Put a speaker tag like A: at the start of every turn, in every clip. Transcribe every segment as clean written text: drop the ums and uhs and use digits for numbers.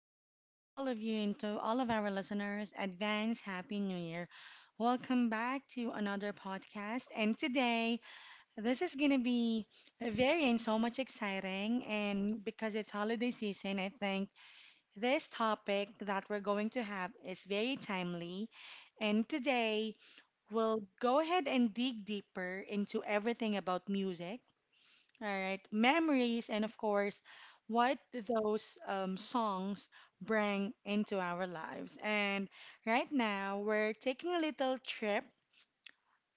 A: greeting all of you and to all of our listeners. Advance Happy New Year. Welcome back to another podcast. And today, this is going to be very and so much exciting. And because it's holiday season, I think this topic that we're going to have is very timely. And today, we'll go ahead and dig deeper into everything about music, all right, memories, and of course, what those songs bring into our lives. And right now, we're taking a little trip,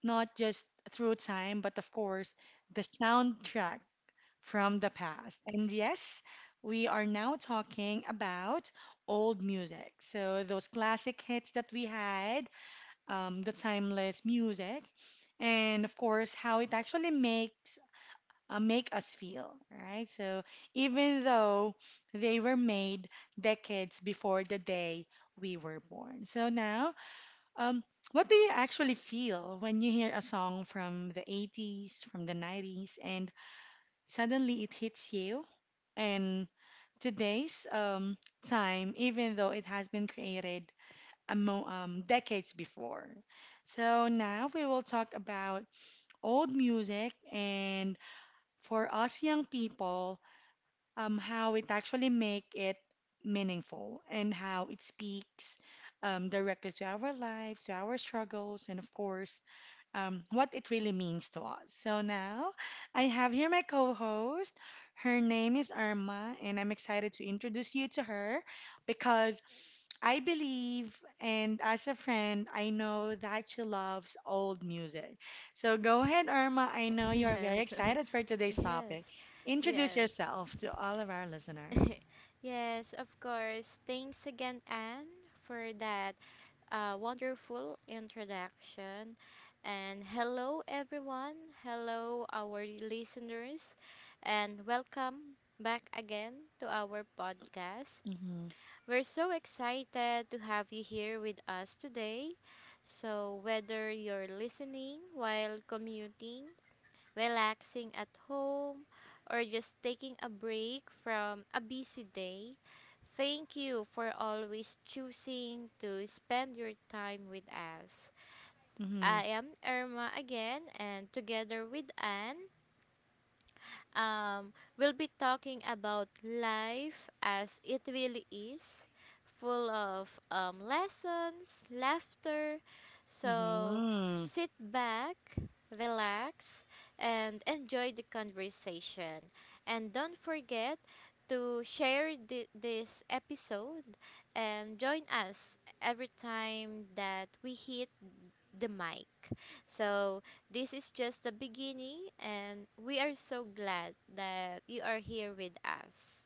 A: not just through time, but of course, the soundtrack from the past. And yes, we are now talking about old music. So those classic hits that we had, the timeless music, and of course, how it actually makes make us feel, right? So even though they were made decades before the day we were born. So now, um, what do you actually feel when you hear a song from the 80s, from the 90s, and suddenly it hits you? And today's time, even though it has been created a mo decades before. So now we will talk about old music and for us young people, how it actually make it meaningful and how it speaks directly to our lives, to our struggles, and of course, what it really means to us. So now I have here my co-host. Her name is Irma, and I'm excited to introduce you to her because I believe, and as a friend, I know that she loves old music. So go ahead, Irma. I know you are very
B: Yes,
A: excited for today's
B: yes,
A: topic. Introduce
B: yes,
A: yourself to all of our listeners.
B: yes, of course. Thanks again, Anne, for that wonderful introduction. And hello, everyone. Hello, our listeners. And welcome back again to our podcast.
A: Mm-hmm.
B: We're so excited to have you here with us today. So, whether you're listening while commuting, relaxing at home, or just taking a break from a busy day, thank you for always choosing to spend your time with us.
A: Mm-hmm.
B: I am Irma again, and together with Anne, Um, we'll be talking about life as it really is, full of lessons, laughter. So
A: Mm-hmm.
B: sit back, relax, and enjoy the conversation. And don't forget to share this episode and join us every time that we hit the mic. So, this is just the beginning, and we are so glad that you are here with us.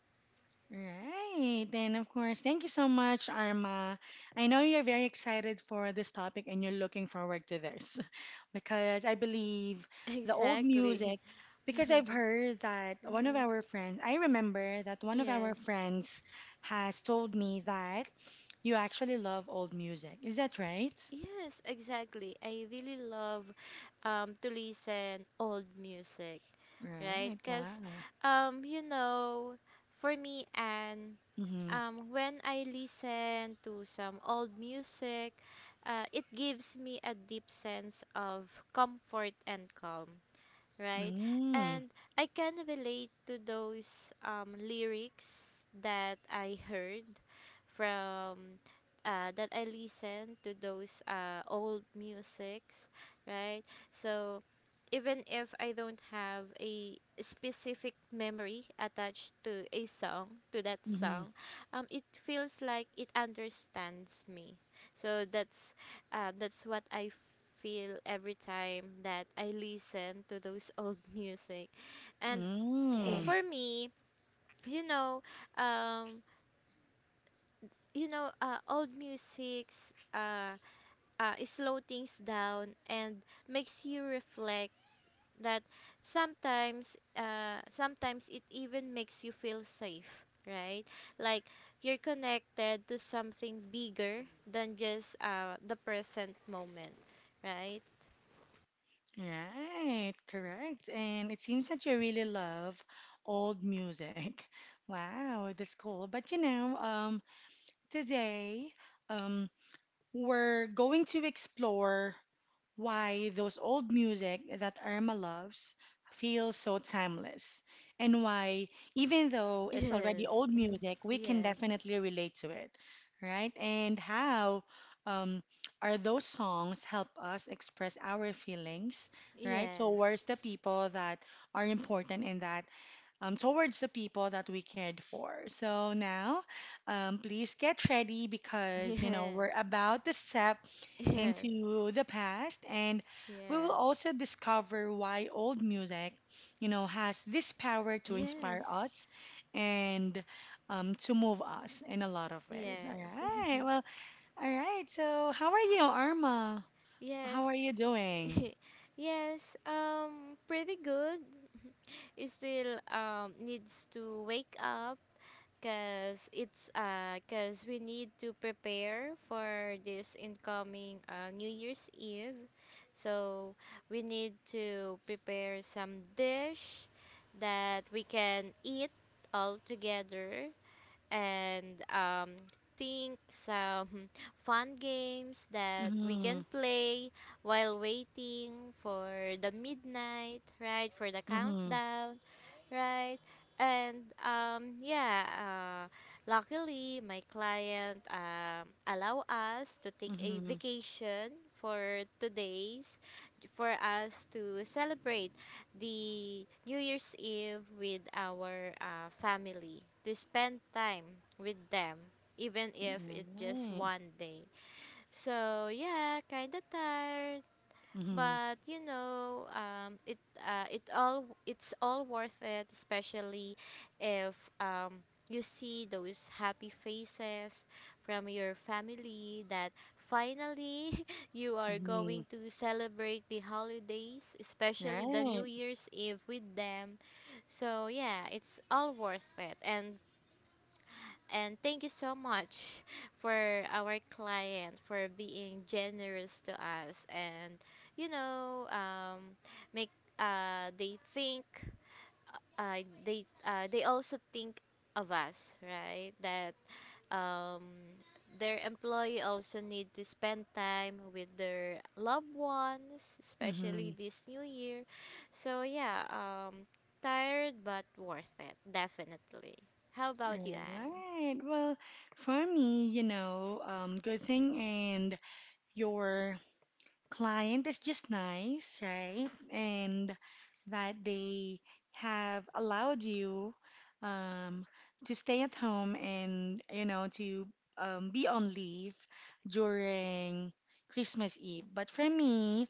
A: Right. And of course, thank you so much, Arma. I know you're very excited for this topic and you're looking forward to this because I believe the old music,
B: Exactly.
A: because I've heard that one of
B: Mm-hmm.
A: our friends, I remember that one of our
B: Yes.
A: friends has told me that you actually love old music. Is that right?
B: Yes, exactly. I really love to listen old music, right?
A: Right.
B: Because,
A: Wow.
B: um, you know, for me, and
A: Mm-hmm.
B: when I listen to some old music, it gives me a deep sense of comfort and calm, right?
A: Mm-hmm.
B: And I can relate to those lyrics that I heard from that I listened to those old musics, right? So even if I don't have a specific memory attached to a song, to that
A: Mm-hmm.
B: song, it feels like it understands me. So that's what I feel every time that I listen to those old music. And
A: Mm.
B: for me, you know, um, old music's, it slow things down and makes you reflect that sometimes it even makes you feel safe, right? Like you're connected to something bigger than just the present moment, right?
A: Right, correct. And it seems that you really love old music. Wow, that's cool. But you know, today, um, we're going to explore why those old music that Irma loves feels so timeless, and why, even though it's already
B: Yes.
A: old music, we can
B: yes.
A: definitely relate to it, right? And how um, are those songs help us express our feelings, right,
B: Yes.
A: towards the people that are important in that, towards the people that we cared for. So now, please get ready because, you know,
B: Yes.
A: we're about to step
B: Yes.
A: into the past and we will also
B: Yes.
A: discover why old music, you know, has this power to inspire
B: Yes.
A: us and to move us in a lot of ways. All
B: Yes.
A: right. Well, all right. So, how are you, Arma? How
B: yes.
A: are you doing?
B: yes. Pretty good. It still needs to wake up because it's because we need to prepare for this incoming new year's eve, so we need to prepare some dish that we can eat all together, and think some fun games that we
A: Mm-hmm.
B: can play while waiting for the midnight, right? For the
A: Mm-hmm.
B: countdown. Right. And luckily my client allow us to take a
A: Mm-hmm.
B: vacation for 2 days for us to celebrate the New Year's Eve with our family, to spend time with them, even if
A: All
B: it's just
A: right.
B: one day. So yeah, kind of tired,
A: Mm-hmm.
B: but you know, it's all worth it, especially if um, you see those happy faces from your family that finally you are
A: Mm-hmm.
B: going to celebrate the holidays, especially the new
A: Right.
B: year's eve, with them. So yeah, it's all worth it. And thank you so much for our client for being generous to us, and you know, make uh they think they also think of us, right? That um their employee also need to spend time with their loved ones, especially
A: Mm-hmm.
B: this new year. So yeah, tired but worth it, definitely. How about you, Anne?
A: Right. Well, for me, you know, good thing and your client is just nice, right? And that they have allowed you um, to stay at home and, you know, to be on leave during Christmas Eve. But for me,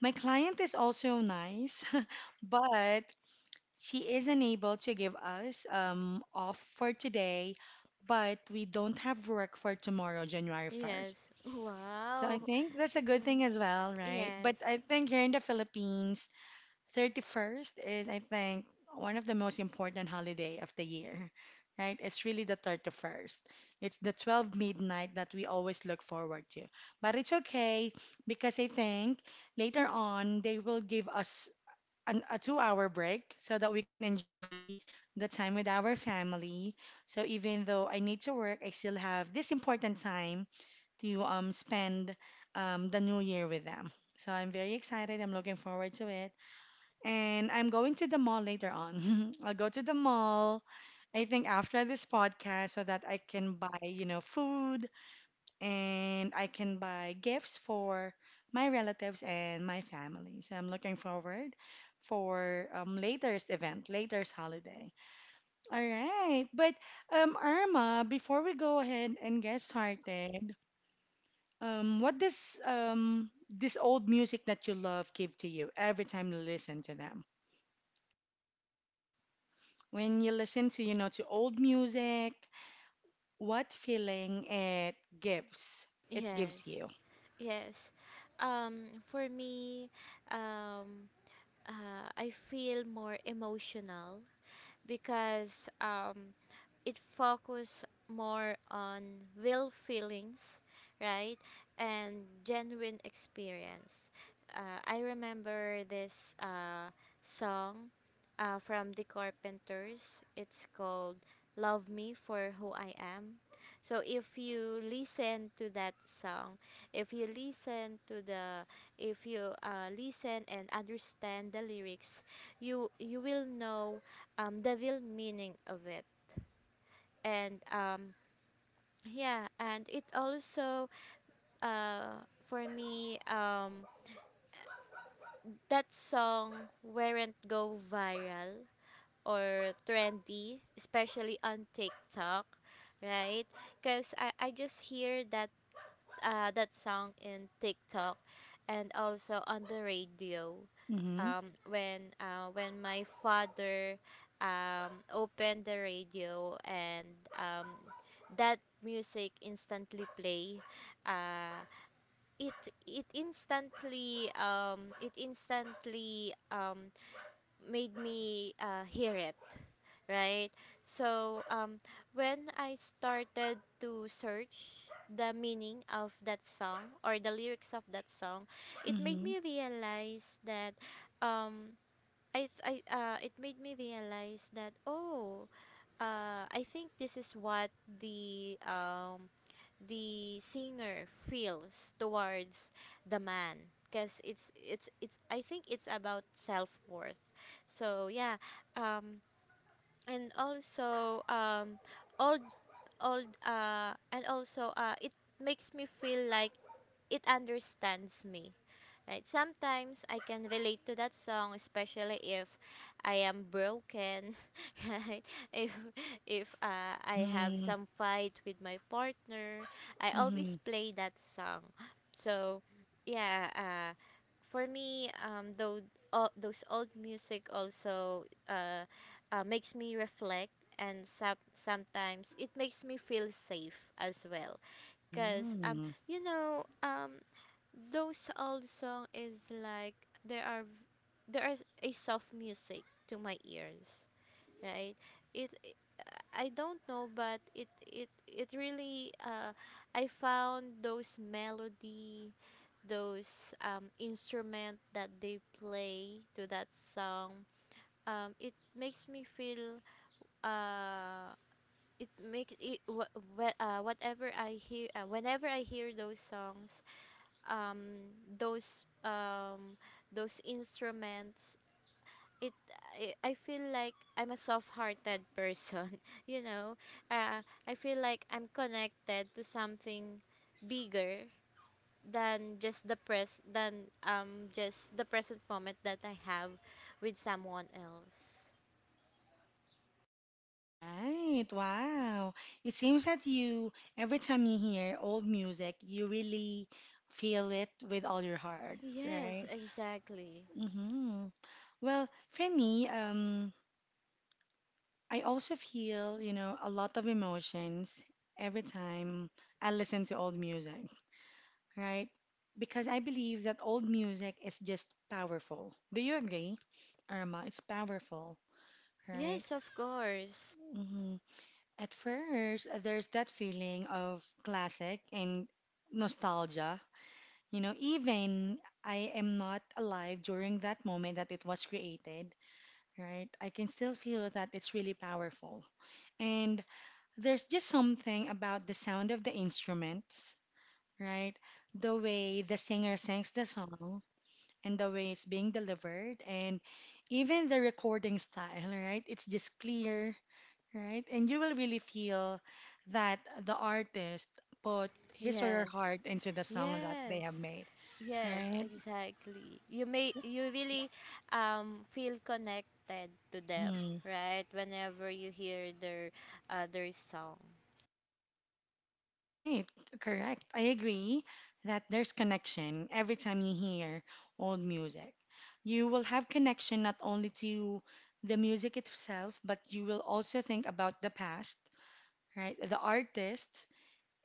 A: my client is also nice, but she isn't able to give us off for today, but we don't have work for tomorrow, January 1st.
B: Yes.
A: So I
B: Wow.
A: think that's a good
B: Mm-hmm.
A: thing as well, right?
B: Yes.
A: But I think here in the Philippines, 31st is, I think, one of the most important holiday of the year, right? It's really the 31st. It's the 12 midnight that we always look forward to. But it's okay because I think later on they will give us a 2 hour break so that we can enjoy the time with our family. So even though I need to work, I still have this important time to spend the new year with them. So I'm very excited. I'm looking forward to it. And I'm going to the mall later on. I'll go to the mall, I think after this podcast, so that I can buy, you know, food and I can buy gifts for my relatives and my family. So I'm looking forward for latest event, latest holiday. All right, but Irma, before we go ahead and get started, what does this old music that you love give to you every time you listen to them? When you listen to, you know, to old music, what feeling it gives? It gives
B: Yes.
A: you.
B: Yes. For me, um, I feel more emotional because it focus more on real feelings, right, and genuine experience. I remember this song from the Carpenters. It's called "Love Me for Who I Am." So if you listen to that song, if you listen to the, if you listen and understand the lyrics, you will know the real meaning of it. And yeah, and it also, for me, that song weren't go viral or trendy, especially on TikTok, right? Because I just hear that, that song in TikTok and also on the radio.
A: Mm-hmm.
B: When my father opened the radio and that music instantly play, uh, it it instantly, made me hear it, right? So when I started to search the meaning of that song or the lyrics of that song, it made
A: Mm-hmm.
B: me realize that um I, th- I it made me realize that, oh, I think this is what the um, the singer feels towards the man, because it's I think it's about self worth. So yeah, um, and also old it makes me feel like it understands me, right? Sometimes I can relate to that song, especially if I am broken right? If if uh, I have
A: Mm-hmm.
B: some fight with my partner, I
A: Mm-hmm.
B: always play that song. So yeah, for me, though, all those old music also, makes me reflect, and sometimes it makes me feel safe as well, because um
A: Mm.
B: you know um those old song is like there are v- there is a soft music to my ears, right? it I don't know, but it really, I found those melody, those instrument that they play to that song, it makes me feel, uh it makes it wh- wh- whatever I hear whenever I hear those songs, um those um those instruments, it I feel like I'm a soft-hearted person, you know, uh, I feel like I'm connected to something bigger than just the present moment that I have with someone else.
A: Right. Wow. It seems that you, every time you hear old music, you really feel it with all your heart,
B: Yes,
A: right?
B: exactly.
A: Mm-hmm. Well, for me, I also feel, you know, a lot of emotions every time I listen to old music, right? Because I believe that old music is just powerful. Do you agree, Irma? It's powerful, right?
B: Yes, of course.
A: Mhm. At first, there's that feeling of classic and nostalgia. You know, even I am not alive during that moment that it was created, right? I can still feel that it's really powerful. And there's just something about the sound of the instruments, right? The way the singer sings the song and the way it's being delivered, and even the recording style, right? It's just clear, right? And you will really feel that the artist put his or her
B: Yes.
A: heart into the song that they
B: Yes.
A: have made,
B: Yes,
A: right?
B: exactly. You really feel connected to them,
A: Hmm.
B: right? Whenever you hear their, their song.
A: Right, correct. I agree that there's connection every time you hear old music. You will have connection not only to the music itself, but you will also think about the past, right? The artists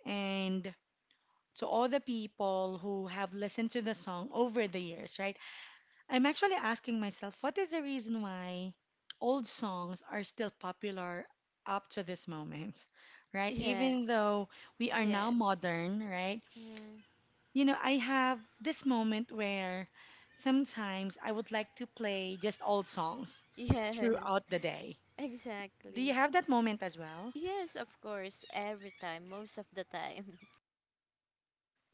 A: and to all the people who have listened to the song over the years, right? I'm actually asking myself what is the reason why old songs are still popular up to this moment, right? Even
B: Yes.
A: though we are now
B: Yes.
A: modern, right?
B: Mm,
A: You know, I have this moment where sometimes I would like to play just old songs
B: yes.
A: throughout the day. Do you
B: Exactly.
A: have that moment as well?
B: Yes, of course, every time, most of the time.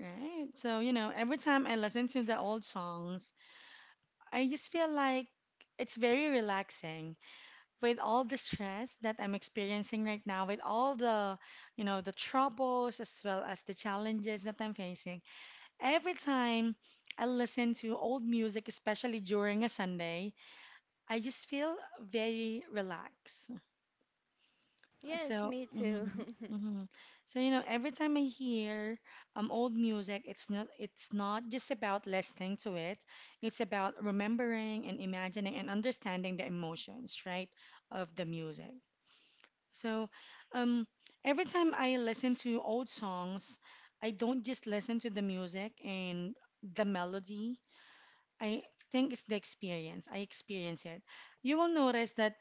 A: Right. So, you know, every time I listen to the old songs, I just feel like it's very relaxing with all the stress that I'm experiencing right now, with all the, you know, the troubles as well as the challenges that I'm facing, every time I listen to old music, especially during a Sunday, I just feel very relaxed.
B: Yes,
A: So,
B: me too.
A: mhm, mhm. So, you know, every time I hear old music, it's not just about listening to it. It's about remembering and imagining and understanding the emotions, right, of the music. So, um, every time I listen to old songs, I don't just listen to the music and the melody. I think it's the experience. I experience it. You will notice that,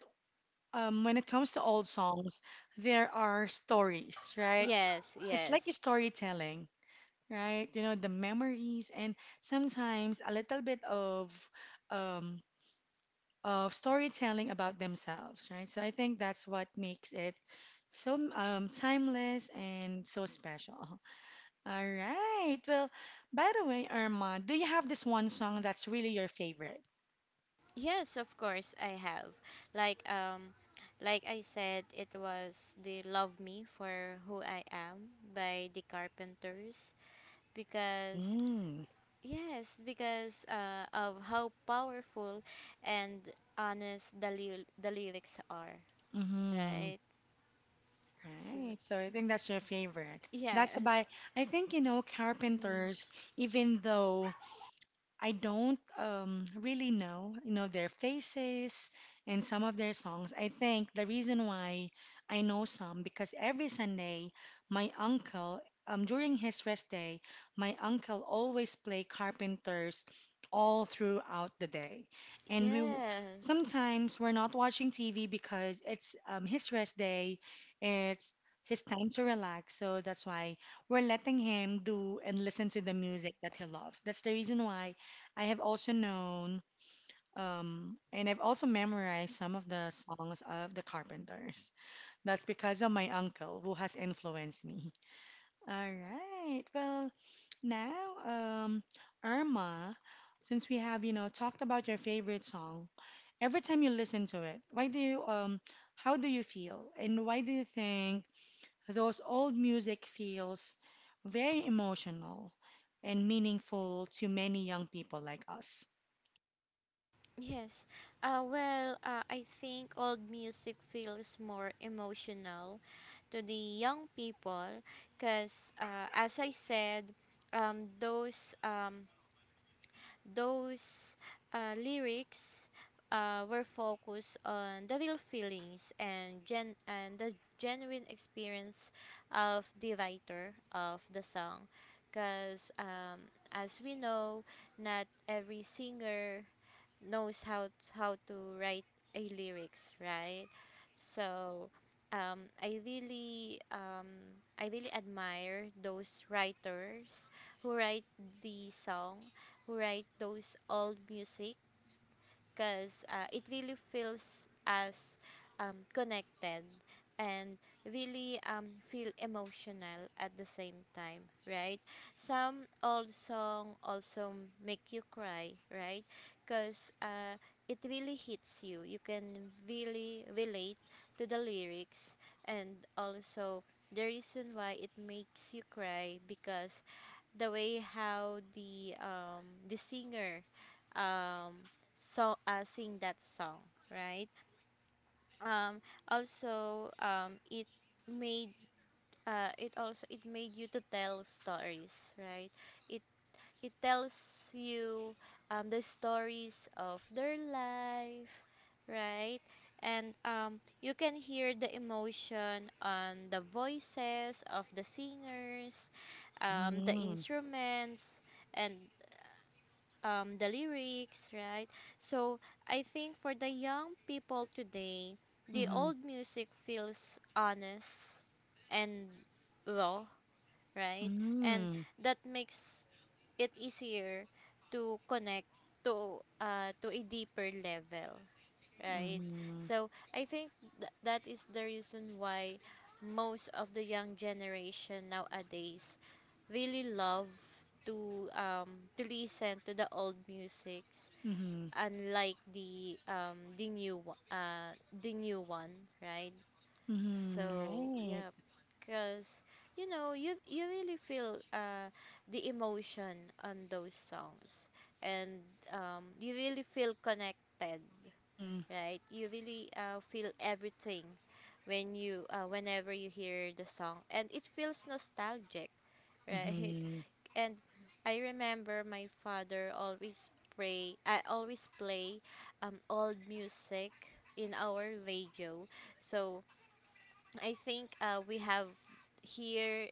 A: when it comes to old songs, there are stories, right?
B: yes,
A: It's
B: yes.
A: like a storytelling, right? You know, the memories and sometimes a little bit um, of storytelling about themselves, right? So I think that's what makes it so timeless and so special. All right. Well, by the way, Irma, do you have this one song that's really your favorite?
B: Yes, of course I have. Like, like I said, it was the Love Me for Who I Am by the Carpenters, because
A: Mm.
B: yes, because of how powerful and honest the lyrics are,
A: Mm-hmm.
B: right? So,
A: Right. So I think that's your favorite. That's
B: yes.
A: by, I think, you know,
B: Mm,
A: Carpenters, even though I don't really know, you know, their faces and some of their songs. I think the reason why I know some because every Sunday, my uncle, during his rest day, my uncle always play Carpenters all throughout the day, and
B: yes.
A: sometimes we're not watching TV because it's his rest day, it's his time to relax. So that's why we're letting him do and listen to the music that he loves. That's the reason why. I have also known and I've also memorized some of the songs of the Carpenters. That's because of my uncle who has influenced me. All right. Well, now, um, Irma, since we have, you know, talked about your favorite song, every time you listen to it, why do you, how do you feel? And why do you think those old music feels very emotional and meaningful to many young people like us?
B: Yes. Well, I think old music feels more emotional to the young people because, as I said, um, those um, those lyrics were focused on the real feelings, and the genuine experience of the writer of the song. Because as we know, not every singer knows how to write a lyrics, right? So um, I really um, I really admire those writers who write the song, who write those old music, because it really feels as connected and really feel emotional at the same time, right? Some old song also make you cry, right? Because it really hits you. You can really relate to the lyrics. And also the reason why it makes you cry, because the way how the singer, um sing that song, right? Um also um it made it also it made you to tell stories, right? it it tells you the stories of their life, right? And you can hear the emotion on the voices of the singers, the
A: Mm-hmm.
B: instruments, and the lyrics, right? So I think for the young people today, the
A: Mhm.
B: old music feels honest and raw, right? And
A: Mm.
B: that makes it easier to connect to, to a deeper level, right?
A: Mhm.
B: So I think that is the reason why most of the young generation nowadays really love to um to listen to the old music,
A: Mhm.
B: unlike the, the new one, right?
A: Mhm.
B: So
A: Right.
B: yeah, because you know, you really feel, the emotion on those songs, and you really feel connected,
A: Mhm.
B: right? You really feel everything when you whenever you hear the song, and it feels nostalgic, right?
A: Mhm.
B: And I remember my father always play I always play old music in our radio. So I think, we have here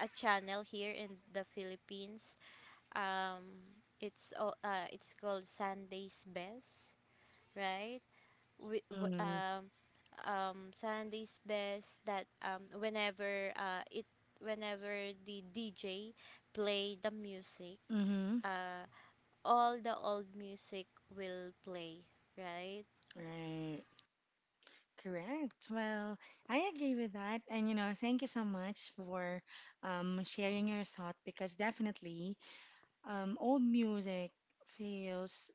B: a channel here in the Philippines. Um, it's called Sunday's Best, right? We, w-
A: Mhm.
B: um, Sunday's Best, that whenever the DJ play the music,
A: Mhm.
B: uh, all the old music will play, right?
A: Right. Correct. Well, I agree with that. And, you know, thank you so much for sharing your thought because definitely old music feels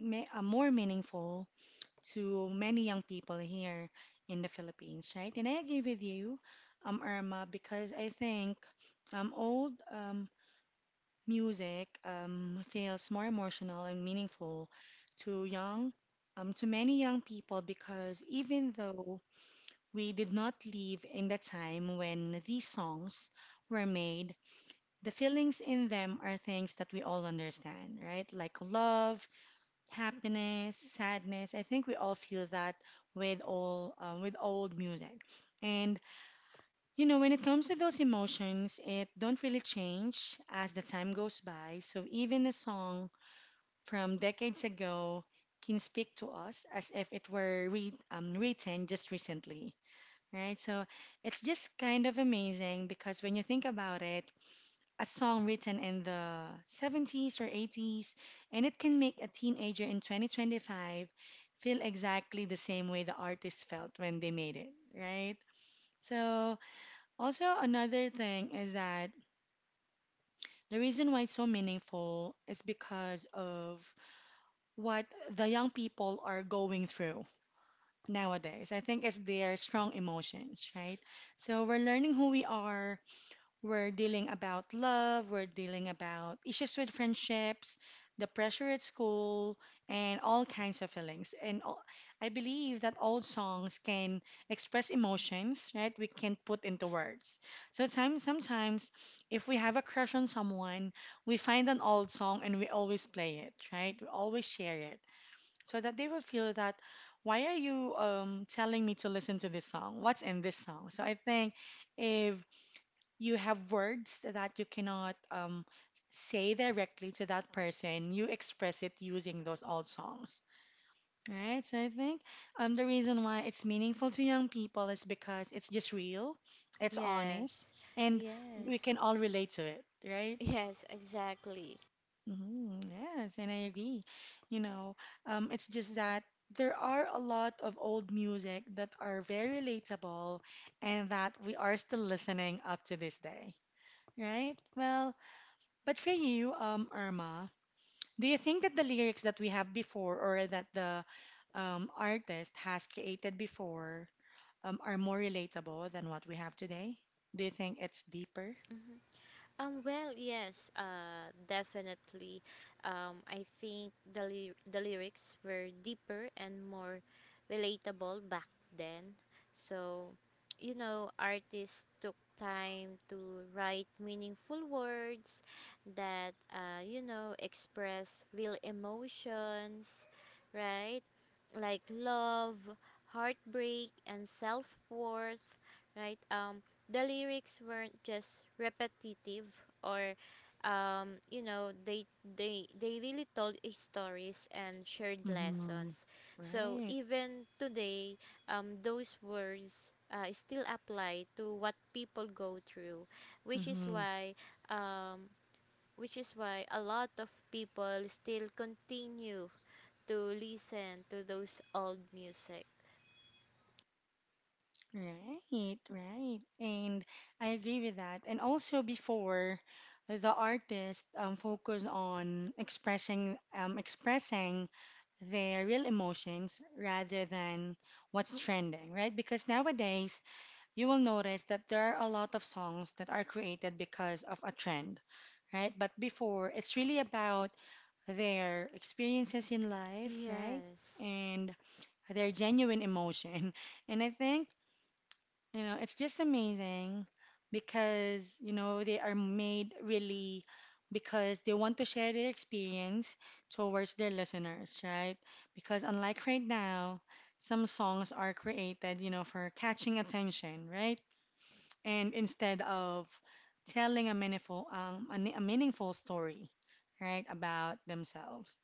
A: ma more meaningful to many young people here in the Philippines, right? And I agree with you, Irma, because I think old music feels more emotional and meaningful to to many young people because even though we did not live in the time when these songs were made, the feelings in them are things that we all understand, right? Like love, happiness, sadness. I think we all feel that with all with old music. And you know, when it comes to those emotions, it don't really change as the time goes by. So even a song from decades ago can speak to us as if it were written just recently, right? So it's just kind of amazing because when you think about it, a song written in the 70s or 80s, and it can make a teenager in 2025 feel exactly the same way the artist felt when they made it, right? So, also another thing is that the reason why it's so meaningful is because of what the young people are going through nowadays. I think it's their strong emotions, right? So we're learning who we are. We're dealing about love. We're dealing about issues with friendships, the pressure at school, and all kinds of feelings. And all, I believe that old songs can express emotions, right? We can put into words. So sometimes, if we have a crush on someone, we find an old song and we always play it, right? We always share it so that they will feel that why are you telling me to listen to this song? What's in this song? So I think if you have words that you cannot say directly to that person, you express it using those old songs. Right, so I think the reason why it's meaningful to young people is because it's just real, it's honest,
B: Yes.
A: and we can
B: Yes.
A: all relate to it, right?
B: Yes, exactly.
A: Mhm, yes, and I agree. You know, it's just that there are a lot of old music that are very relatable and that we are still listening up to this day, right? Well, but for you, Irma, do you think that the lyrics that we have before or that the artist has created before are more relatable than what we have today? Do you think it's deeper?
B: Well, yes, definitely. I think the lyrics were deeper and more relatable back then. So, you know, artists took time to write meaningful words that, you know, express real emotions, right? Like love, heartbreak, and self worth, right? The lyrics weren't just repetitive or, you know, they really told a stories and shared
A: Mm-hmm.
B: lessons. So
A: Right.
B: even today, those words still apply to what people go through, which is
A: Hmm.
B: why, um, which is why a lot of people still continue to listen to those old music.
A: Right, right. And I agree with that. And also before the artist focus on expressing expressing their real emotions rather than what's trending, right? Because nowadays you will notice that there are a lot of songs that are created because of a trend, right? But before it's really about their experiences in life, right?
B: Yes
A: And their genuine emotion. And I think you know, it's just amazing because, you know, they are made really because they want to share their experience towards their listeners, right? Because unlike right now, some songs are created, you know, for catching attention, right? And instead of telling a meaningful story, right, about themselves.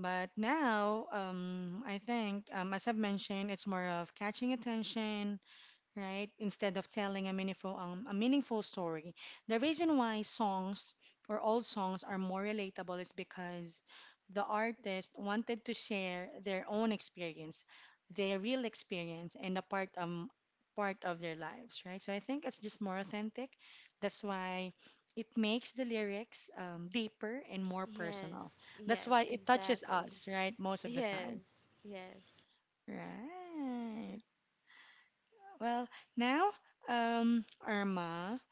A: But now, I think, as I've mentioned, it's more of catching attention right? Instead of telling a meaningful story. The reason why songs or old songs are more relatable is because the artist wanted to share their own experience, their real experience, and a part of their lives, right? So I think it's just more authentic. That's why it makes the lyrics deeper and more personal.
B: yes
A: That's why
B: yes
A: it touches
B: exactly
A: us, right? Most of the time,
B: Yes, yes,
A: right? Well, now, Irma,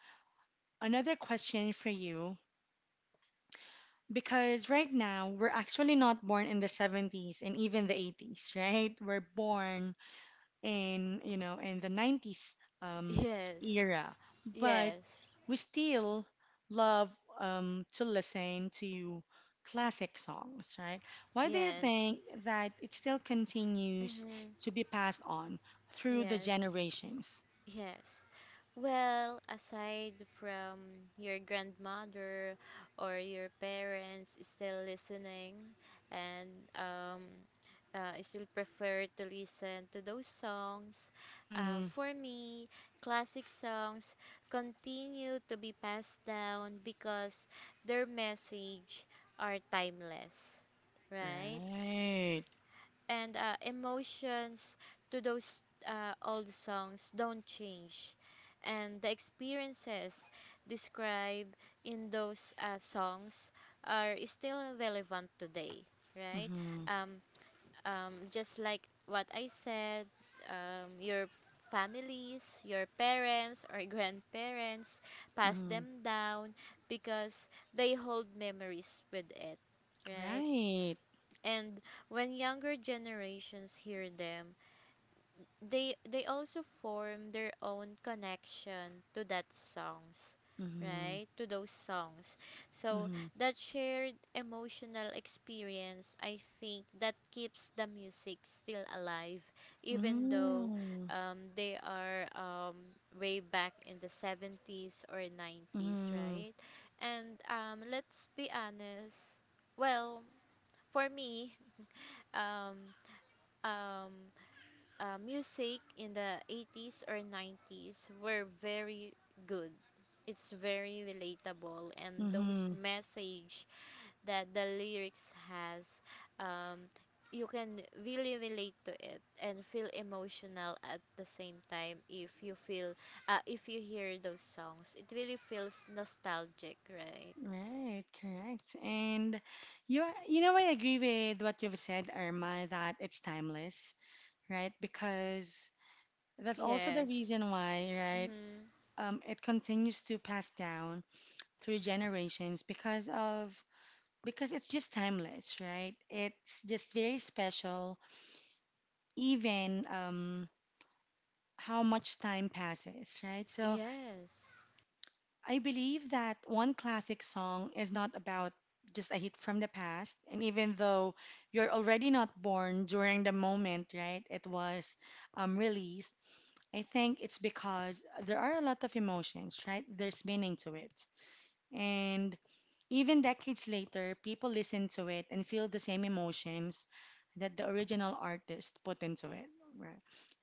A: another question for you. Because right now, we're actually not born in the 70s and even the 80s, right? We're born in, you know, in the 90s um,
B: yes,
A: era. But
B: yes,
A: we still love to listen to classic songs, right? Why do you
B: yes.
A: think that it still continues
B: Mm-hmm.
A: to be passed on through the
B: Yes.
A: generations?
B: Yes. Well, aside from your grandmother or your parents still listening and, um, still prefer to listen to those songs,
A: Mm-hmm.
B: for me, classic songs continue to be passed down because their message are timeless, right?
A: Right.
B: And emotions to those old songs don't change, and the experiences described in those songs are still relevant today, right?
A: Mm-hmm.
B: Um, um, just like what I said, your families, your parents or grandparents pass
A: Mm-hmm.
B: them down because they hold memories with it, right?
A: Right.
B: And when younger generations hear them, they also form their own connection to that songs,
A: Mm-hmm.
B: right? To those songs. So
A: Mm-hmm.
B: that shared emotional experience, I think that keeps the music still alive, even though
A: Mm-hmm.
B: they are way back in the 70s or 90s,
A: Mm-hmm.
B: right? And let's be honest. Well, for me, um, um, music in the 80s or 90s were very good. It's very relatable, and those
A: Mm-hmm.
B: message that the lyrics has, um, you can really relate to it and feel emotional at the same time. If you hear those songs, it really feels nostalgic, right?
A: Right. Correct. And you are, you know, I agree with what you've said, Irma, that it's timeless, right? Because that's also the
B: Yes.
A: reason why, right?
B: Mm-hmm.
A: It continues to pass down through generations because of because it's just timeless, right? It's just very special, even how much time passes, right? So
B: Yes.
A: I believe that one classic song is not about just a hit from the past. And even though you're already not born during the moment, right, it was released, I think it's because there are a lot of emotions, right? There's meaning to it. And even decades later, people listen to it and feel the same emotions that the original artist put into it. Right.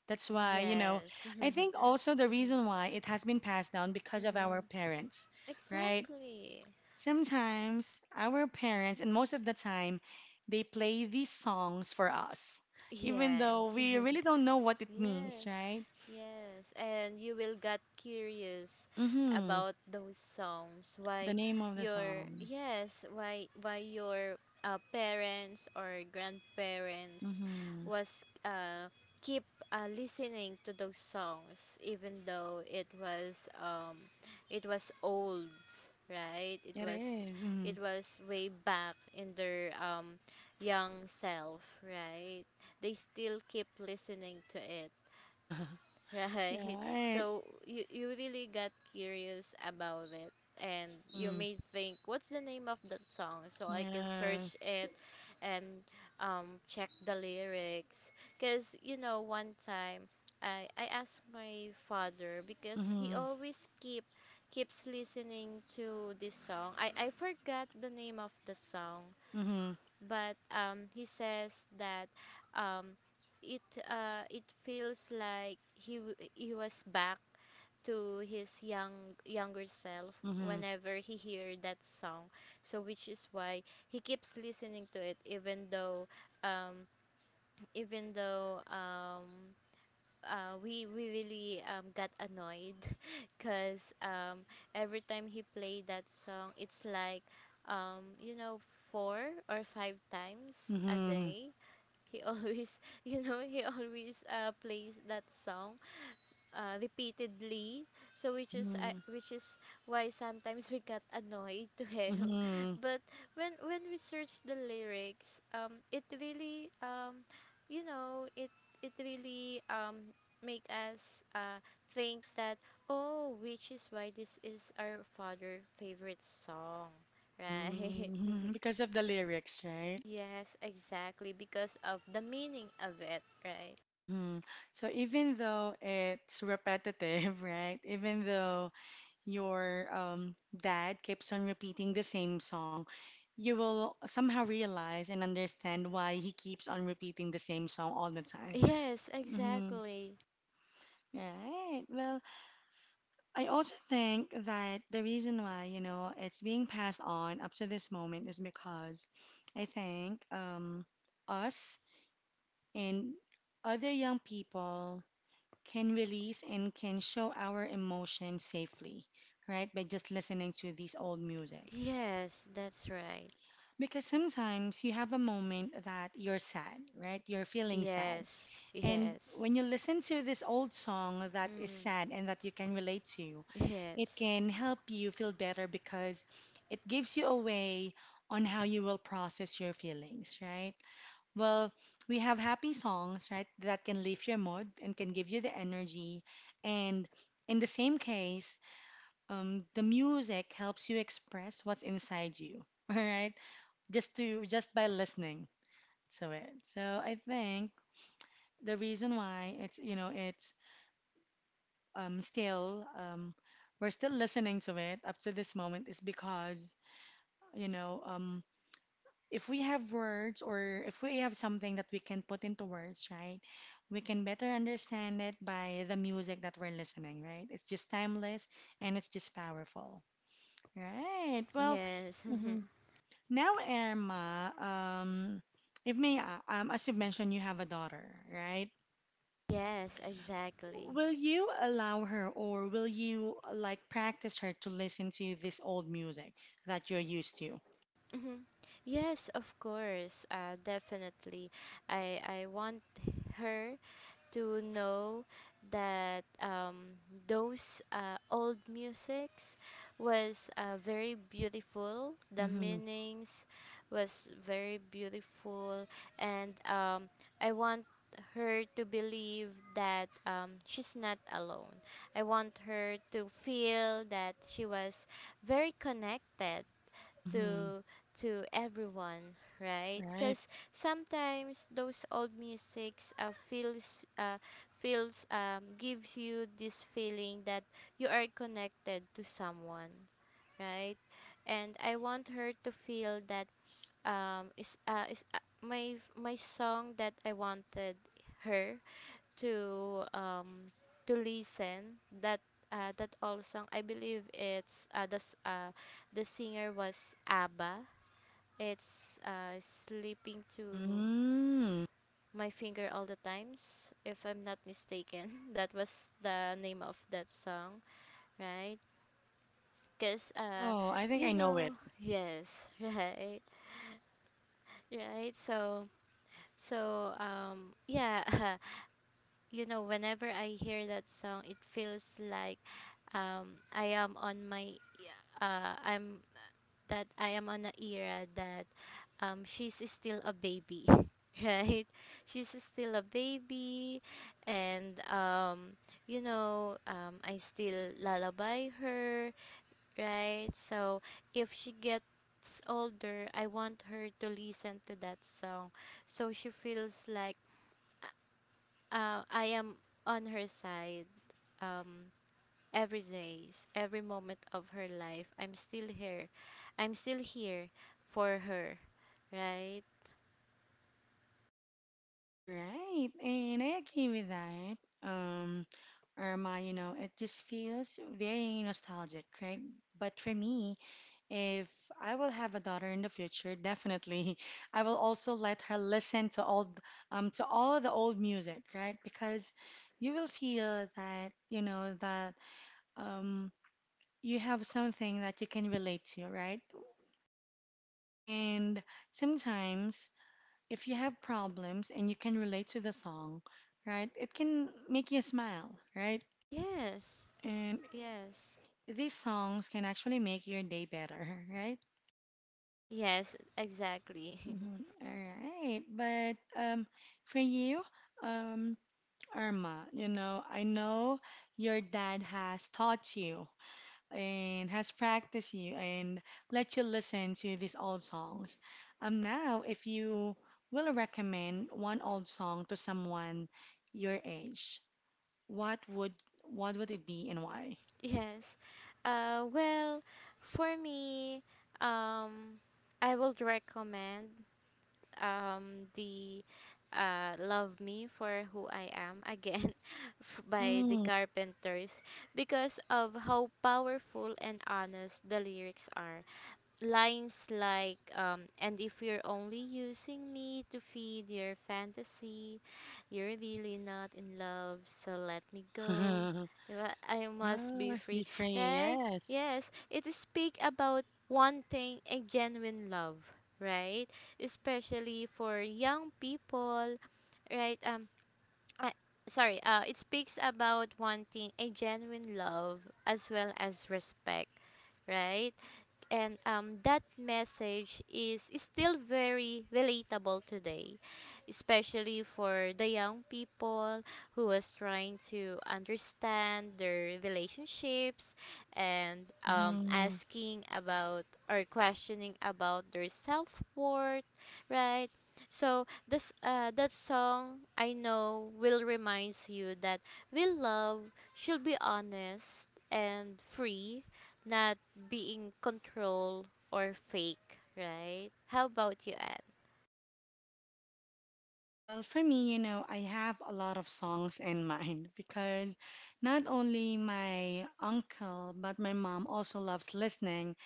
A: That's why, you know,
B: Yes.
A: I think also the reason why it has been passed down because of our
B: Mhm.
A: parents, right?
B: Exactly.
A: Sometimes our parents, and most of the time, they play these songs for us, even though
B: Yes.
A: we really don't know what it means,
B: Yes,
A: right?
B: yes. And you will get curious
A: Mm-hmm.
B: about those songs.
A: The
B: Why
A: name of the
B: your
A: song.
B: Yes, why your parents or grandparents
A: Mm-hmm.
B: was keep listening to those songs, even though it was old, right? It
A: It
B: was
A: is. Mm-hmm.
B: it was way back in their young self, right? They still keep listening to it, right?
A: Right.
B: So you really got curious about it, and you
A: Mm-hmm.
B: may think, what's the name of that song so I can search
A: Yes.
B: it and check the lyrics. Cuz, one time I asked my father because he
A: Mm-hmm.
B: always keeps listening to this song. I forgot the name of the song,
A: Mm-hmm.
B: but he says that um, it it feels like he was back to his younger self
A: Mm-hmm.
B: whenever he hear that song. So which is why he keeps listening to it, even though um even though um we really got annoyed, because every time he played that song, it's like, um, you know four or five times a
A: Mm-hmm.
B: day. He always, he always plays that song, repeatedly, so
A: Mm-hmm.
B: which is why sometimes we got annoyed to him.
A: Mm-hmm.
B: But when we search the lyrics, it really you know it it really make us think that, oh, which is why this is our father favorite song, right?
A: Mm-hmm. Because of the lyrics, right?
B: Yes, exactly, because of the meaning of it, right?
A: Mm-hmm. So even though it's repetitive, right? Even though your dad keeps on repeating the same song, you will somehow realize and understand why he keeps on repeating the same song all the time.
B: Yes,
A: Mm-hmm.
B: exactly.
A: Right. Well, I also think that the reason why, you know, it's being passed on up to this moment is because I think us and other young people can release and can show our emotion safely, right? By just listening to these old music.
B: Yes, that's right.
A: Because sometimes you have a moment that you're sad, right? You're feeling sad.
B: Yes,
A: And
B: yes,
A: when you listen to this old song that is
B: mm,
A: sad and that you can relate to, it
B: yes,
A: can help you feel better because it gives you a way on how you will process your feelings, right? Well, we have happy songs, right, that can lift your mood and can give you the energy. And in the same case, the music helps you express what's inside you, all right? Just by listening to it. So I think the reason why it's you know it's still we're still listening to it up to this moment is because you know if we have words or if we have something that we can put into words, right? We can better understand it by the music that we're listening, right? It's just timeless and it's just powerful, right? Well,
B: yes,
A: mhm. Now, Irma, if may, as you mentioned, you have a daughter, right?
B: yes, exactly.
A: Will you allow her or will you like practice her to listen to this old music that you're used to?
B: Mhm. Yes, of course, definitely. I want her to know that those old musics was very beautiful. The
A: Mm-hmm.
B: meanings was very beautiful. And I want her to believe that she's not alone. I want her to feel that she was very connected
A: Mm-hmm.
B: to everyone, right?
A: Right.
B: Because sometimes those old musics feels feels gives you this feeling that you are connected to someone, right? And I want her to feel that, is my song that I wanted her to um to listen, that that all song, I believe it's the singer was ABBA. It's slipping to
A: Mm.
B: my finger all the times, if I'm not mistaken. That was the name of that song, right? Because,
A: Oh, I think I know it.
B: yes, right, right. So, yeah, whenever I hear that song, it feels like, um, I am on my, I'm that I am on an era that, she's still a baby, right? She's still a baby, and I still lullaby her, right? So if she gets older, I want her to listen to that song, so she feels like, I am on her side. Um, every days, every moment of her life. I'm still here. I'm still here for her, right?
A: Right. And I agree with that. Um, Irma, you know, it just feels very nostalgic, right? But for me, if I will have a daughter in the future, definitely I will also let her listen to all the old music, right? Because you will feel that, you know, that um you have something that you can relate to, right? And sometimes if you have problems and you can relate to the song, right? It can make you smile, right?
B: Yes. It's,
A: And
B: yes.
A: these songs can actually make your day better, right?
B: Yes, exactly.
A: Mhm. All right. But for you, um, Irma, you know, I know your dad has taught you and has practiced you and let you listen to these old songs. Now, if you will recommend one old song to someone your age, what would what would it be and why?
B: Yes. Well, for me, um I would recommend the Love Me for Who I Am again by the
A: Mm.
B: Carpenters, because of how powerful and honest the lyrics are. Lines like, and if you're only using me to feed your fantasy, you're really not in love, so let me go. Diba? I must
A: Wow,
B: be
A: must
B: free,
A: be pretty,
B: right?
A: yes.
B: Yes, it speak about wanting a genuine love, right? Especially for young people, right? I, sorry, it speaks about wanting a genuine love as well as respect, right? And that message is still very relatable today, especially for the young people who was trying to understand their relationships, and asking about or questioning about their self-worth, right? So this that song, I know, will reminds you that real love should be honest and free, not being control or fake, right? How about you, Anne?
A: Well, for me, you know, I have a lot of songs in mind because not only my uncle, but my mom also loves listening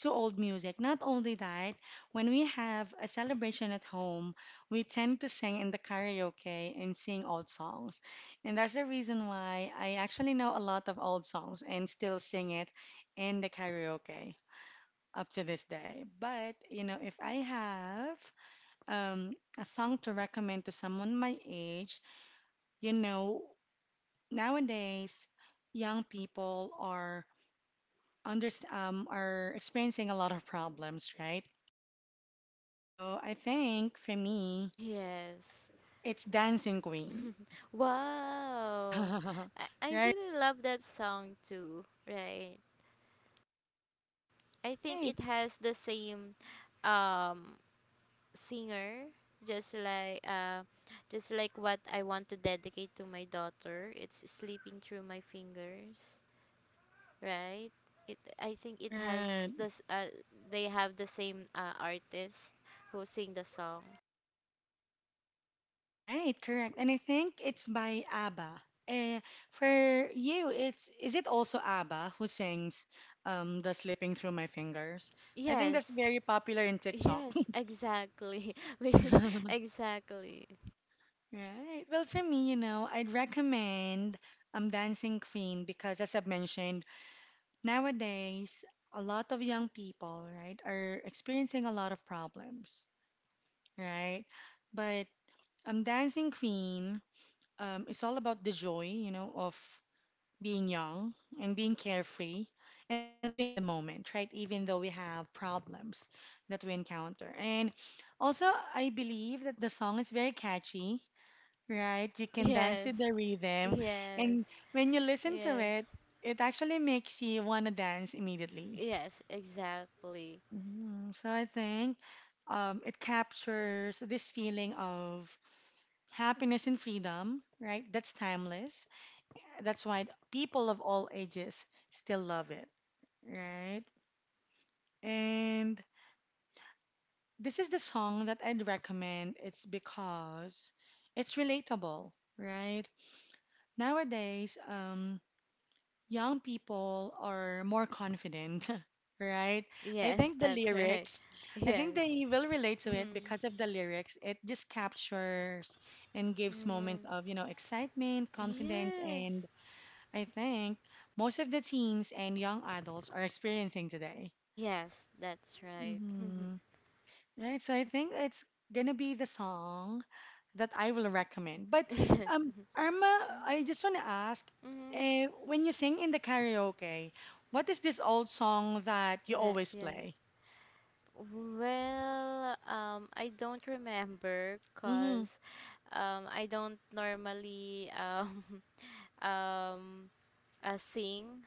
A: to old music. Not only that, when we have a celebration at home, we tend to sing in the karaoke and sing old songs. And that's the reason why I actually know a lot of old songs and still sing it in the karaoke up to this day. But, you know, if I have a song to recommend to someone my age, you know, nowadays young people are under are experiencing a lot of problems, right? So I think for me,
B: Yes.
A: it's Dancing Queen.
B: Wow. I
A: Right,
B: really love that song too, right? I think
A: right,
B: it has the same um singer, just like uh just like what I want to dedicate to my daughter. It's slipping through my fingers, right? It I think it has
A: right,
B: this they have the same artist who sing the song.
A: right, correct. And I think it's by ABBA. Uh, for you, it's is it also ABBA who sings "The Slipping Through My Fingers"? I think
B: Yes.
A: that's very popular in TikTok.
B: Yes, exactly. We Exactly.
A: Right. Well, for me, you know, I'd recommend Dancing Queen because, as I've mentioned, nowadays a lot of young people, right, are experiencing a lot of problems, right? But Dancing Queen is all about the joy, you know, of being young and being carefree and living in the moment, right? Even though we have problems that we encounter. And also, I believe that the song is very catchy, right, you can dance
B: Yes.
A: to the rhythm,
B: Yes.
A: and when you listen to
B: Yes.
A: it, it actually makes you want to dance immediately.
B: Yes, exactly.
A: Mm, so I think it captures this feeling of happiness and freedom, right? That's timeless. That's why people of all ages still love it, right? And this is the song that I'd recommend. It's because it's relatable, right? Nowadays, young people are more confident, right? I
B: Yes,
A: think the
B: that's right.
A: lyrics, I think
B: Yes.
A: they will relate to it
B: Mm.
A: because of the lyrics. It just captures and gives moments
B: Mm.
A: of, you know, excitement, confidence,
B: Yes.
A: and I think most of the teens and young adults are experiencing today.
B: Yes, that's right.
A: Hmm. Right? So I think it's gonna be the song that I will recommend. But
B: Yes.
A: um, Irma, I
B: Mm-hmm.
A: just want to ask,
B: Mm-hmm.
A: when you sing in the karaoke, what is this old song that you
B: That,
A: always
B: yes.
A: play?
B: Well, I don't remember
A: Mm-hmm,
B: because I don't normally um, sing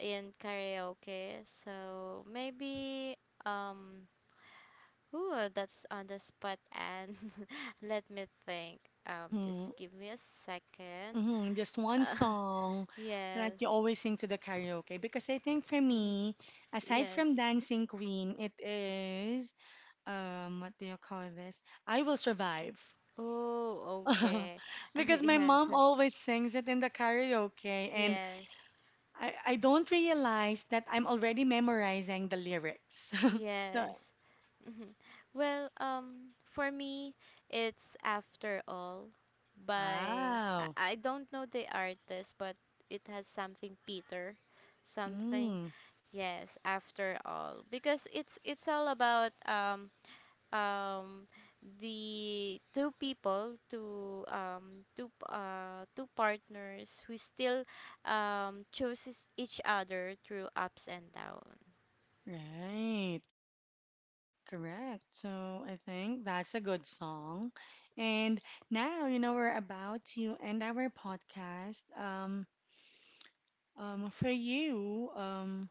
B: in karaoke. So maybe, um, ooh, that's on the spot. And let me think.
A: mm-hmm,
B: Just give me a second.
A: mm-hmm. Just one
B: Uh,
A: song that
B: yes,
A: you always sing to the karaoke. Because I think for
B: yes,
A: me, aside
B: yes.
A: from Dancing Queen, it is what do you call this? I Will Survive.
B: Oh, okay.
A: Because my
B: yes,
A: mom always sings it in the karaoke, and
B: yes.
A: I don't realize that I'm already memorizing the lyrics. So,
B: Yes. Mhm. Well, for me, it's After All by, I,
A: wow.
B: I don't know the artist, but it has something Peter, something.
A: Mm,
B: Yes, After All, because it's all about um the two people, two partners who still chooses each other through ups and downs.
A: right. Correct. So, I think that's a good song. And now, you know, we're about to end our podcast. For you,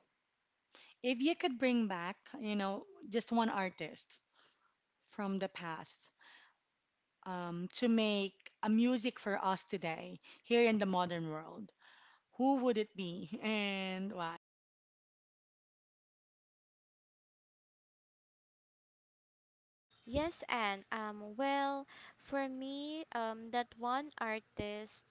A: if you could bring back, you know, just one artist from the past, to make a music for us today here in the modern world, who would it be and why?
B: Yes. And well, for me, that one artist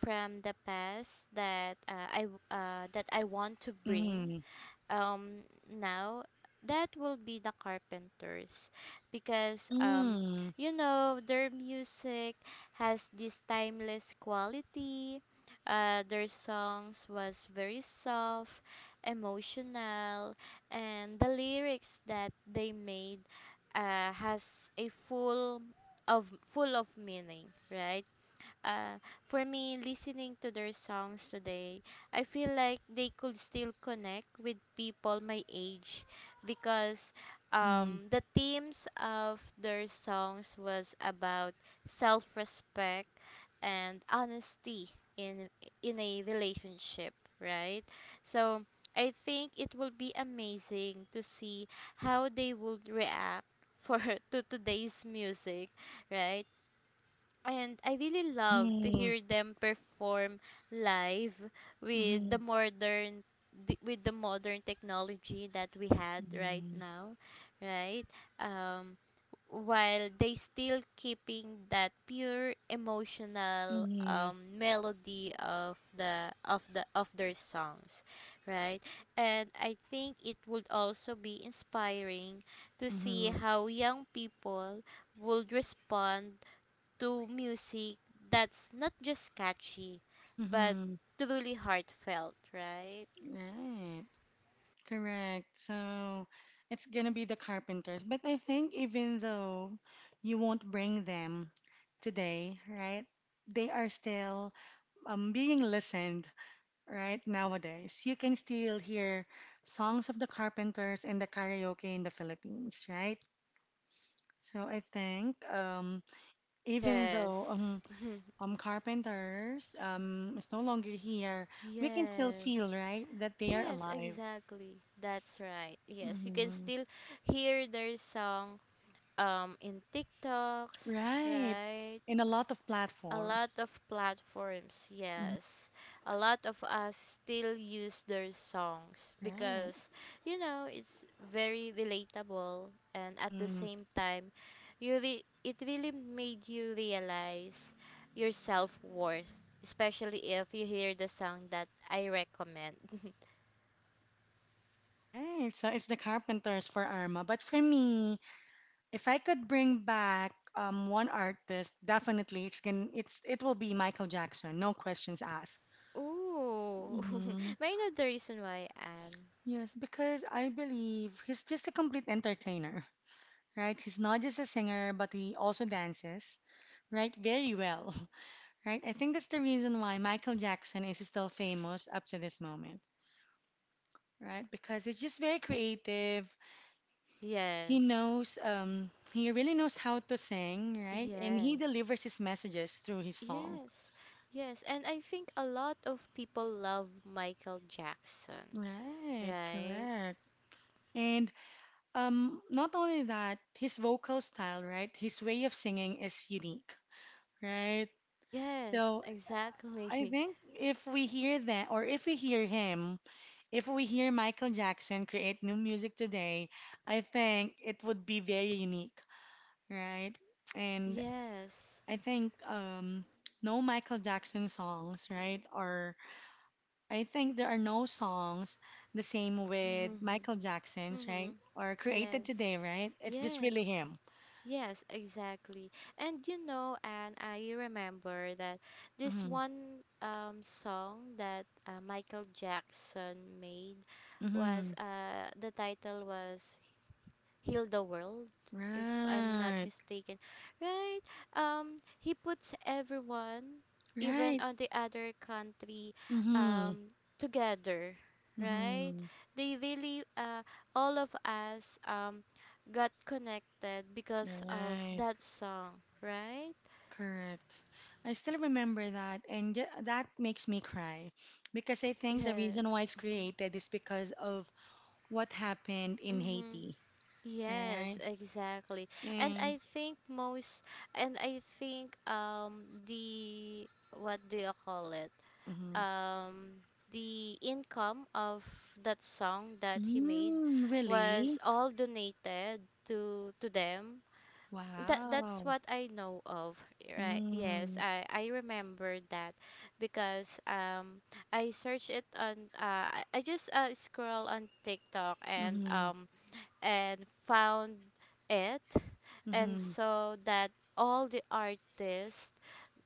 B: from the past that I want to bring
A: Mhm.
B: um now, that will be the Carpenters, because
A: Mm.
B: their music has this timeless quality. Their songs was very soft, emotional, and the lyrics that they made has a full of meaning, right? uh, for me, listening to their songs today, I feel like they could still connect with people my age, because
A: Mhm.
B: the themes of their songs was about self-respect and honesty in a relationship, right? So I think it will be amazing to see how they would react, for to today's music, right? And I really love to
A: Mhm.
B: hear them perform live with the
A: Mhm.
B: modern with the modern technology that we had right
A: Mhm.
B: now, right? Um, while they still keeping that pure emotional,
A: Mhm.
B: melody of the of their songs, right? And I think it would also be inspiring to see
A: Mhm.
B: how young people would respond to music that's not just catchy, but
A: Mhm.
B: truly heartfelt, right?
A: Right, correct. So it's gonna be the Carpenters. But I think even though you won't bring them today, right? They are still being listened, right? Nowadays, you can still hear songs of the Carpenters and the karaoke in the Philippines, right? So I think even though
B: Yes.
A: Carpenters is no longer here, we can still feel,
B: Yes.
A: right, that they are
B: Yes,
A: alive.
B: exactly. That's right. Yes, you can
A: Hmm.
B: still hear their song in TikToks,
A: Right.
B: right?
A: In a lot of
B: A lot
A: platforms.
B: of platforms,
A: Mhm.
B: yes. A lot of us still use their songs
A: Right.
B: because, it's very relatable. And at the
A: Hmm.
B: same time, it really made you realize your self-worth, especially if you hear the song that I recommend.
A: Right. So it's the Carpenters for Arma. But for me, if I could bring back one artist, definitely it's can it's it will be Michael Jackson, no questions asked.
B: Ooh,
A: Hmm.
B: may I know the reason why, Anne?
A: Yes, because I believe he's just a complete entertainer, right? He's not just a singer, but he also dances, right? Very well, right? I think that's the reason why Michael Jackson is still famous up to this moment, right? Because he's just very creative. He
B: Yes,
A: knows, he really knows how to sing, right? And he
B: yes.
A: delivers his messages through his song.
B: Yes, yes. And I think a lot of people love Michael Jackson,
A: Right,
B: right?
A: correct. And not only that, his vocal style, right? His way of singing is unique, right?
B: Yes,
A: So
B: exactly.
A: I think if we hear that, or if we hear him, if we hear Michael Jackson create new music today, I think it would be very unique, right? And
B: Yes.
A: I think no Michael Jackson songs, right? Or I think there are no songs the same with
B: Mm-hmm.
A: Michael Jackson's, right? Or created
B: Yes.
A: today, right? It's just really
B: Yes.
A: him.
B: Yes, exactly. And, I remember that this
A: Mm-hmm.
B: one song that Michael Jackson made was
A: Mm-hmm.
B: the title was Heal the World, if I'm not
A: Right.
B: mistaken, right? He puts everyone, even
A: Right.
B: on the other country,
A: Mm-hmm.
B: um, together, right?
A: Mm-hmm.
B: They really, all of us, got connected because of
A: Right.
B: that song, right?
A: Correct. I still remember that, and that makes me cry because I think the reason
B: Yes.
A: why it's
B: Mhm.
A: created is because of what happened in
B: Mhm.
A: Haiti,
B: Yes,
A: right?
B: exactly. And
A: And
B: I think most and I think, the, what do you call it?
A: mhm.
B: um, the income of that song that he made
A: Mm,
B: was
A: really?
B: all donated to them. That's
A: Wow.
B: what I know of, right? Yes,
A: Mm,
B: I remember that because I searched it on I just scroll on TikTok,
A: mm-hmm,
B: and found it, and
A: mm-hmm.
B: so that all the artists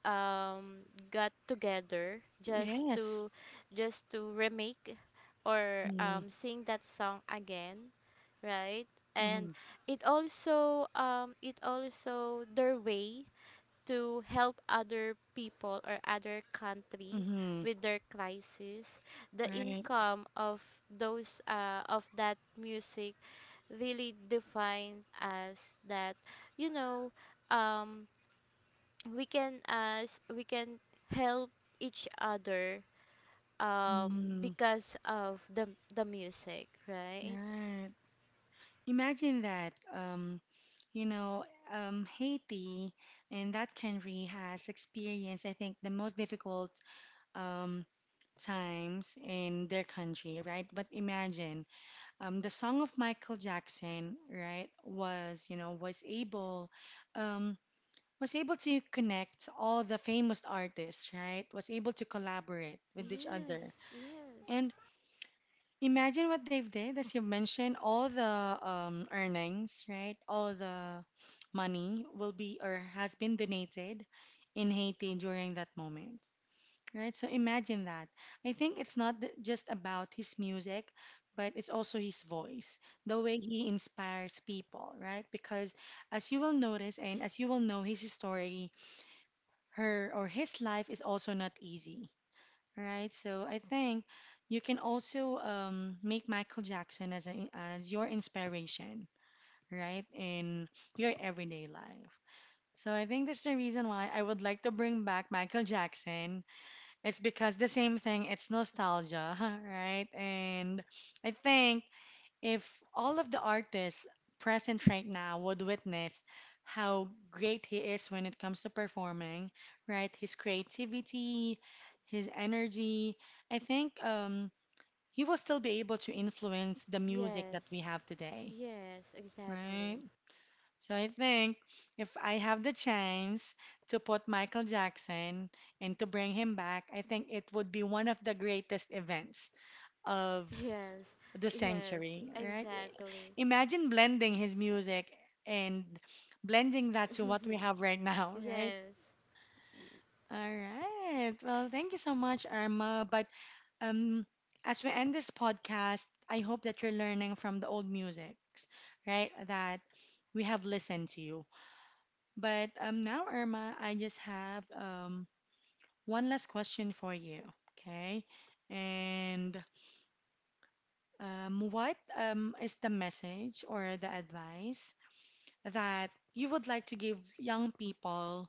B: um got together just
A: Yes.
B: to remake or
A: Mm-hmm,
B: sing that song again, right? And
A: mm-hmm,
B: it also their way to help other people or other country
A: mm-hmm.
B: with their crisis. The
A: Right.
B: income of those of that music really defined as that, you know um we can as we can help each other
A: Mm-hmm.
B: because of the music, right?
A: Right. Imagine that. You know, Haiti and that country has experienced, I think, the most difficult um, times in their country, right? But imagine, the song of Michael Jackson, right, was, you know, um, was able to connect all the famous artists, right? Was able to collaborate with each other.
B: Yes, yes,
A: And imagine what they've did, as you mentioned, all the earnings, right? All the money will be or has been donated in Haiti during that moment, right? So imagine that. I think it's not th- just about his music, but it's also his voice, the way he inspires people, right? Because as you will notice and as you will know his story, her or his life is also not easy, right? So I think you can also make Michael Jackson as as your inspiration, right, in your everyday life. So I think that's the reason why I would like to bring back Michael Jackson. It's because the same thing, it's nostalgia, right? And I think if all of the artists present right now would witness how great he is when it comes to performing, right? His creativity, his energy, I think he will still be able to influence the music that
B: yes,
A: we have today,
B: yes,
A: right?
B: exactly.
A: So I think if I have the chance to put Michael Jackson and to bring him back, I think it would be one of the greatest events of
B: Yes,
A: the
B: yes,
A: century, right?
B: exactly.
A: Imagine blending his music and blending that to what we have right now, right?
B: Yes,
A: All right. Well, thank you so much, Irma. But um, as we end this podcast, I hope that you're learning from the old musics, right? That we have listened to you. But now, Irma, I just have one last question for you, okay? And what is the message or the advice that you would like to give young people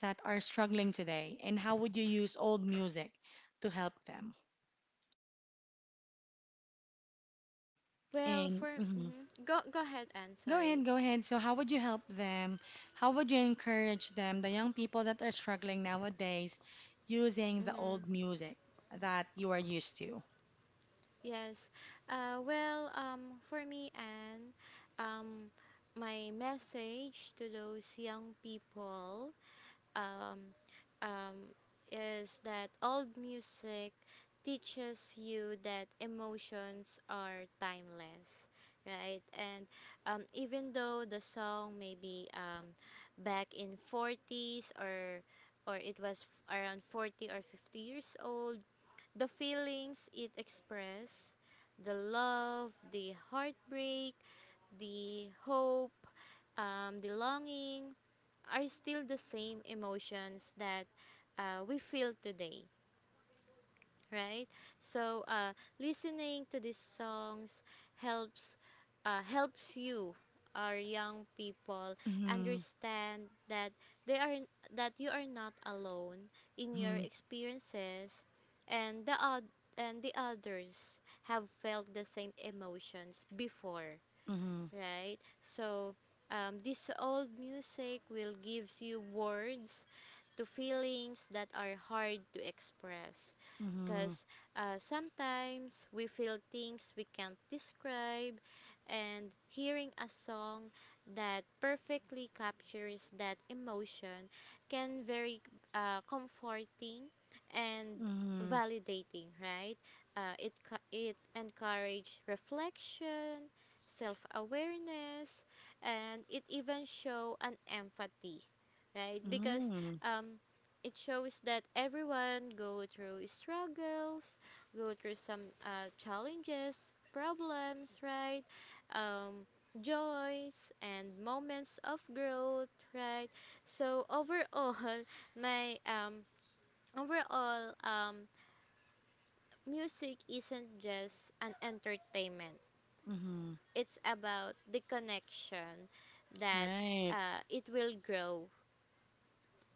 A: that are struggling today, and how would you use old music to help them?
B: well,
A: And
B: for
A: mhm.
B: mhm. Go ahead. And
A: Go ahead,
B: sorry.
A: go ahead. So, how would you help them? How would you encourage them, the young people that are struggling nowadays, using the
B: Mm-hmm.
A: old music that you are used to?
B: Yes. Well, for me, and um, my message to those young people, um, um, is that old music teaches you that emotions are timeless, right? And even though the song may be, back in 40s or it was around 40 or 50 years old, the feelings it expressed, the love, the heartbreak, the hope, the longing, are still the same emotions that we feel today, right? So listening to these songs helps helps you, our young people,
A: Mm-hmm,
B: understand that they are that you are not alone in your
A: mm-hmm,
B: experiences, and and the others have felt the same emotions before, right? So this old music will gives you words to feelings that are hard to express,
A: mm-hmm,
B: because sometimes we feel things we can't describe, and hearing a song that perfectly captures that emotion can very comforting
A: mm-hmm,
B: and
A: mm-hmm,
B: validating, right? It encourage reflection, self-awareness, and it even show an empathy, right? Because
A: mm-hmm,
B: um it shows that everyone go through struggles, go through some challenges, problems, right? um Joys and moments of growth, right? So overall, my overall music isn't just an entertainment,
A: mm-hmm.
B: it's about the connection that
A: Right.
B: it will grow,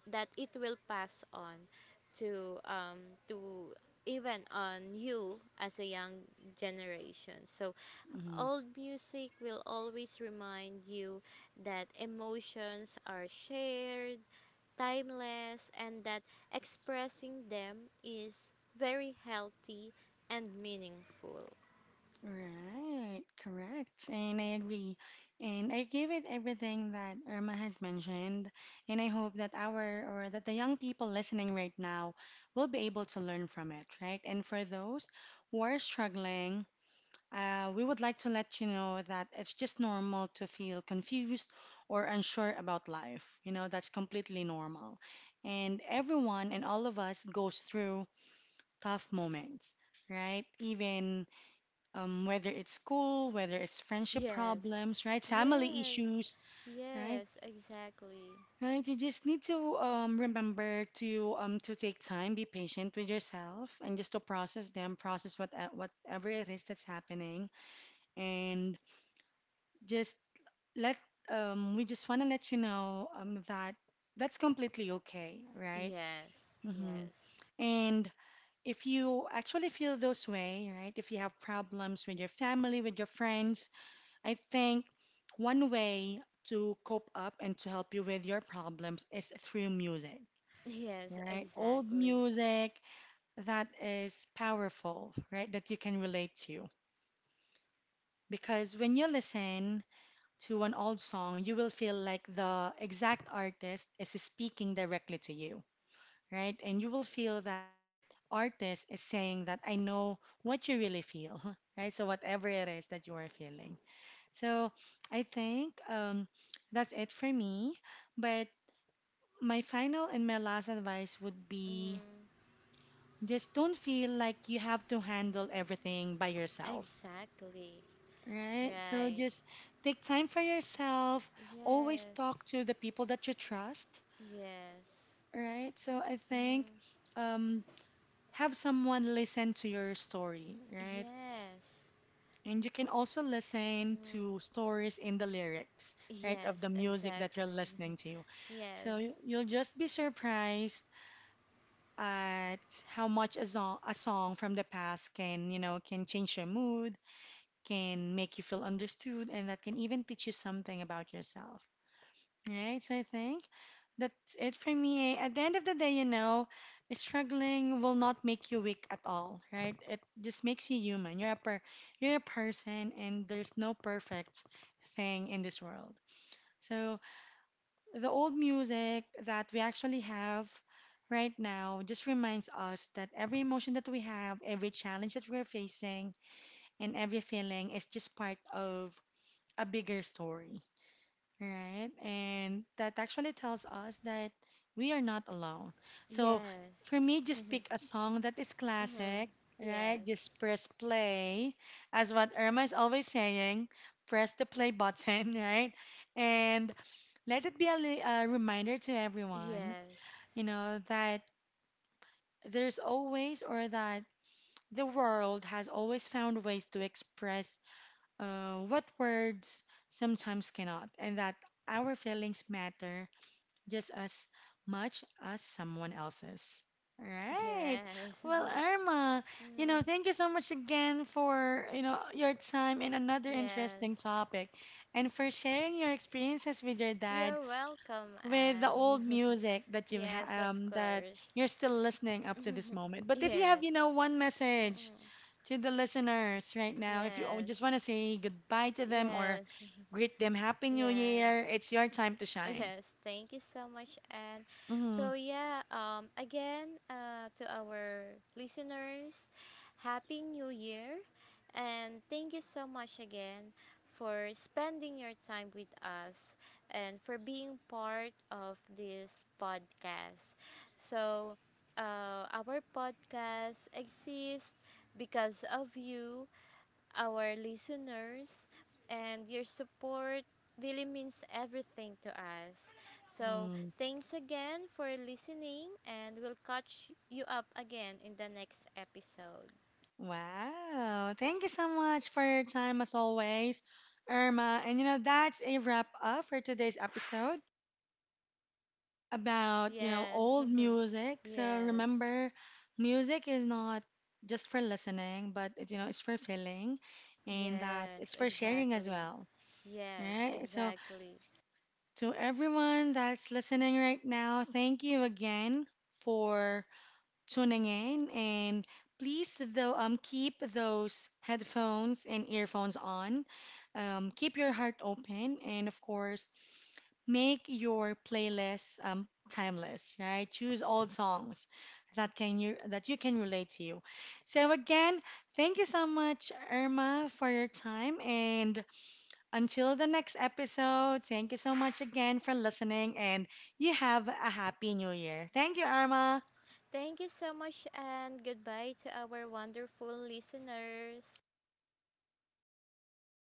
B: that it will pass on to, to even on you as a young generation. So
A: Mm-hmm.
B: old music will always remind you that emotions are shared, timeless, and that expressing them is very healthy and meaningful.
A: Right, correct. And I agree. And I give it everything that Irma has mentioned. And I hope that our, or that the young people listening right now will be able to learn from it, right? And for those who are struggling, we would like to let you know that it's just normal to feel confused or unsure about life. You know, that's completely normal. And everyone and all of us goes through tough moments, right? Even whether it's school, whether it's friendship
B: Yes,
A: problems, right? Family
B: yes,
A: issues, right?
B: yes, exactly.
A: Right? You just need to remember to take time, be patient with yourself, and just to process them, process whatever it is that's happening, and just let we just want to let you know that that's completely okay, right?
B: Yes,
A: Hmm.
B: yes,
A: And if you actually feel those way, right? If you have problems with your family, with your friends, I think one way to cope up and to help you with your problems is through music,
B: yes,
A: right? Old
B: exactly.
A: music that is powerful, right? That you can relate to. Because when you listen to an old song, you will feel like the exact artist is speaking directly to you, right? And you will feel that artist is saying that I know what you really feel, right? So whatever it is that you are feeling. So I think that's it for me. But my final
B: Mm,
A: and my last advice would be
B: mm,
A: just don't feel like you have to handle everything by yourself,
B: exactly.
A: right? So
B: Right.
A: just take time for yourself. Always
B: Yes,
A: talk to the people that you trust,
B: yes,
A: right? So I think
B: mm,
A: um, have someone listen to your story, right?
B: yes,
A: And you can also listen
B: mm,
A: to stories in the lyrics, right, of the
B: yes,
A: music that you're
B: exactly.
A: listening to.
B: yes,
A: So you'll just be surprised at how much a song from the past can, you know, can change your mood, can make you feel understood, and that can even teach you something about yourself, right? So I think that's it for me. At the end of the day, you know, struggling will not make you weak at all, right? It just makes you human. You're a person and there's no perfect thing in this world. So the old music that we actually have right now just reminds us that every emotion that we have, every challenge that we're facing, and every feeling is just part of a bigger story. Right. And that actually tells us that we are not alone. So for
B: yes,
A: me, just pick a song that is classic,
B: mm,
A: right?
B: yes,
A: Just press play. As what Irma is always saying, press the play button, right? And let it be a reminder to everyone,
B: yes,
A: you know, that there's always or that the world has always found ways to express what words sometimes cannot, and that our feelings matter just as much as someone else's. All right.
B: yes,
A: Well, Irma, you know,
B: mm,
A: thank you so much again for, you know, your time and another interesting
B: yes.
A: topic and for sharing your experiences with your dad
B: You're welcome,
A: with the
B: Anne.
A: old music that
B: Yes, of
A: that
B: course.
A: you're still listening up to this moment. But if you have,
B: Yes.
A: you know, one message
B: Mm-mm.
A: to the listeners right now, if you o- just
B: Yes.
A: want to say goodbye to them or
B: Yes.
A: greet them happy new
B: Yes.
A: year, it's your time to shine.
B: Yes, thank you so much. And
A: Mhm.
B: so, yeah, again, to our listeners, Happy New Year. And thank you so much again for spending your time with us and for being part of this podcast. So, our podcast exists because of you, our listeners, and your support really means everything to us. So,
A: Hmm.
B: thanks again for listening, and we'll catch you up again in the next episode.
A: Wow. Thank you so much for your time as always, Irma. And you know, that's a wrap up for today's episode about, you know,
B: Yes,
A: old music. So
B: yes,
A: remember, music is not just for listening, but it, you know, it's for feeling and that
B: yes,
A: it's for sharing as
B: exactly.
A: well. All
B: Yes,
A: right. So
B: exactly.
A: to everyone that's listening right now, thank you again for tuning in, and please though keep those headphones and earphones on. Keep your heart open, and of course, make your playlist timeless. Right, choose old songs that you can relate to you. So again, thank you so much, Irma, for your time, and until the next episode, thank you so much again for listening, and you have a happy new year. Thank you, Irma.
B: Thank you so much, and goodbye to our wonderful listeners.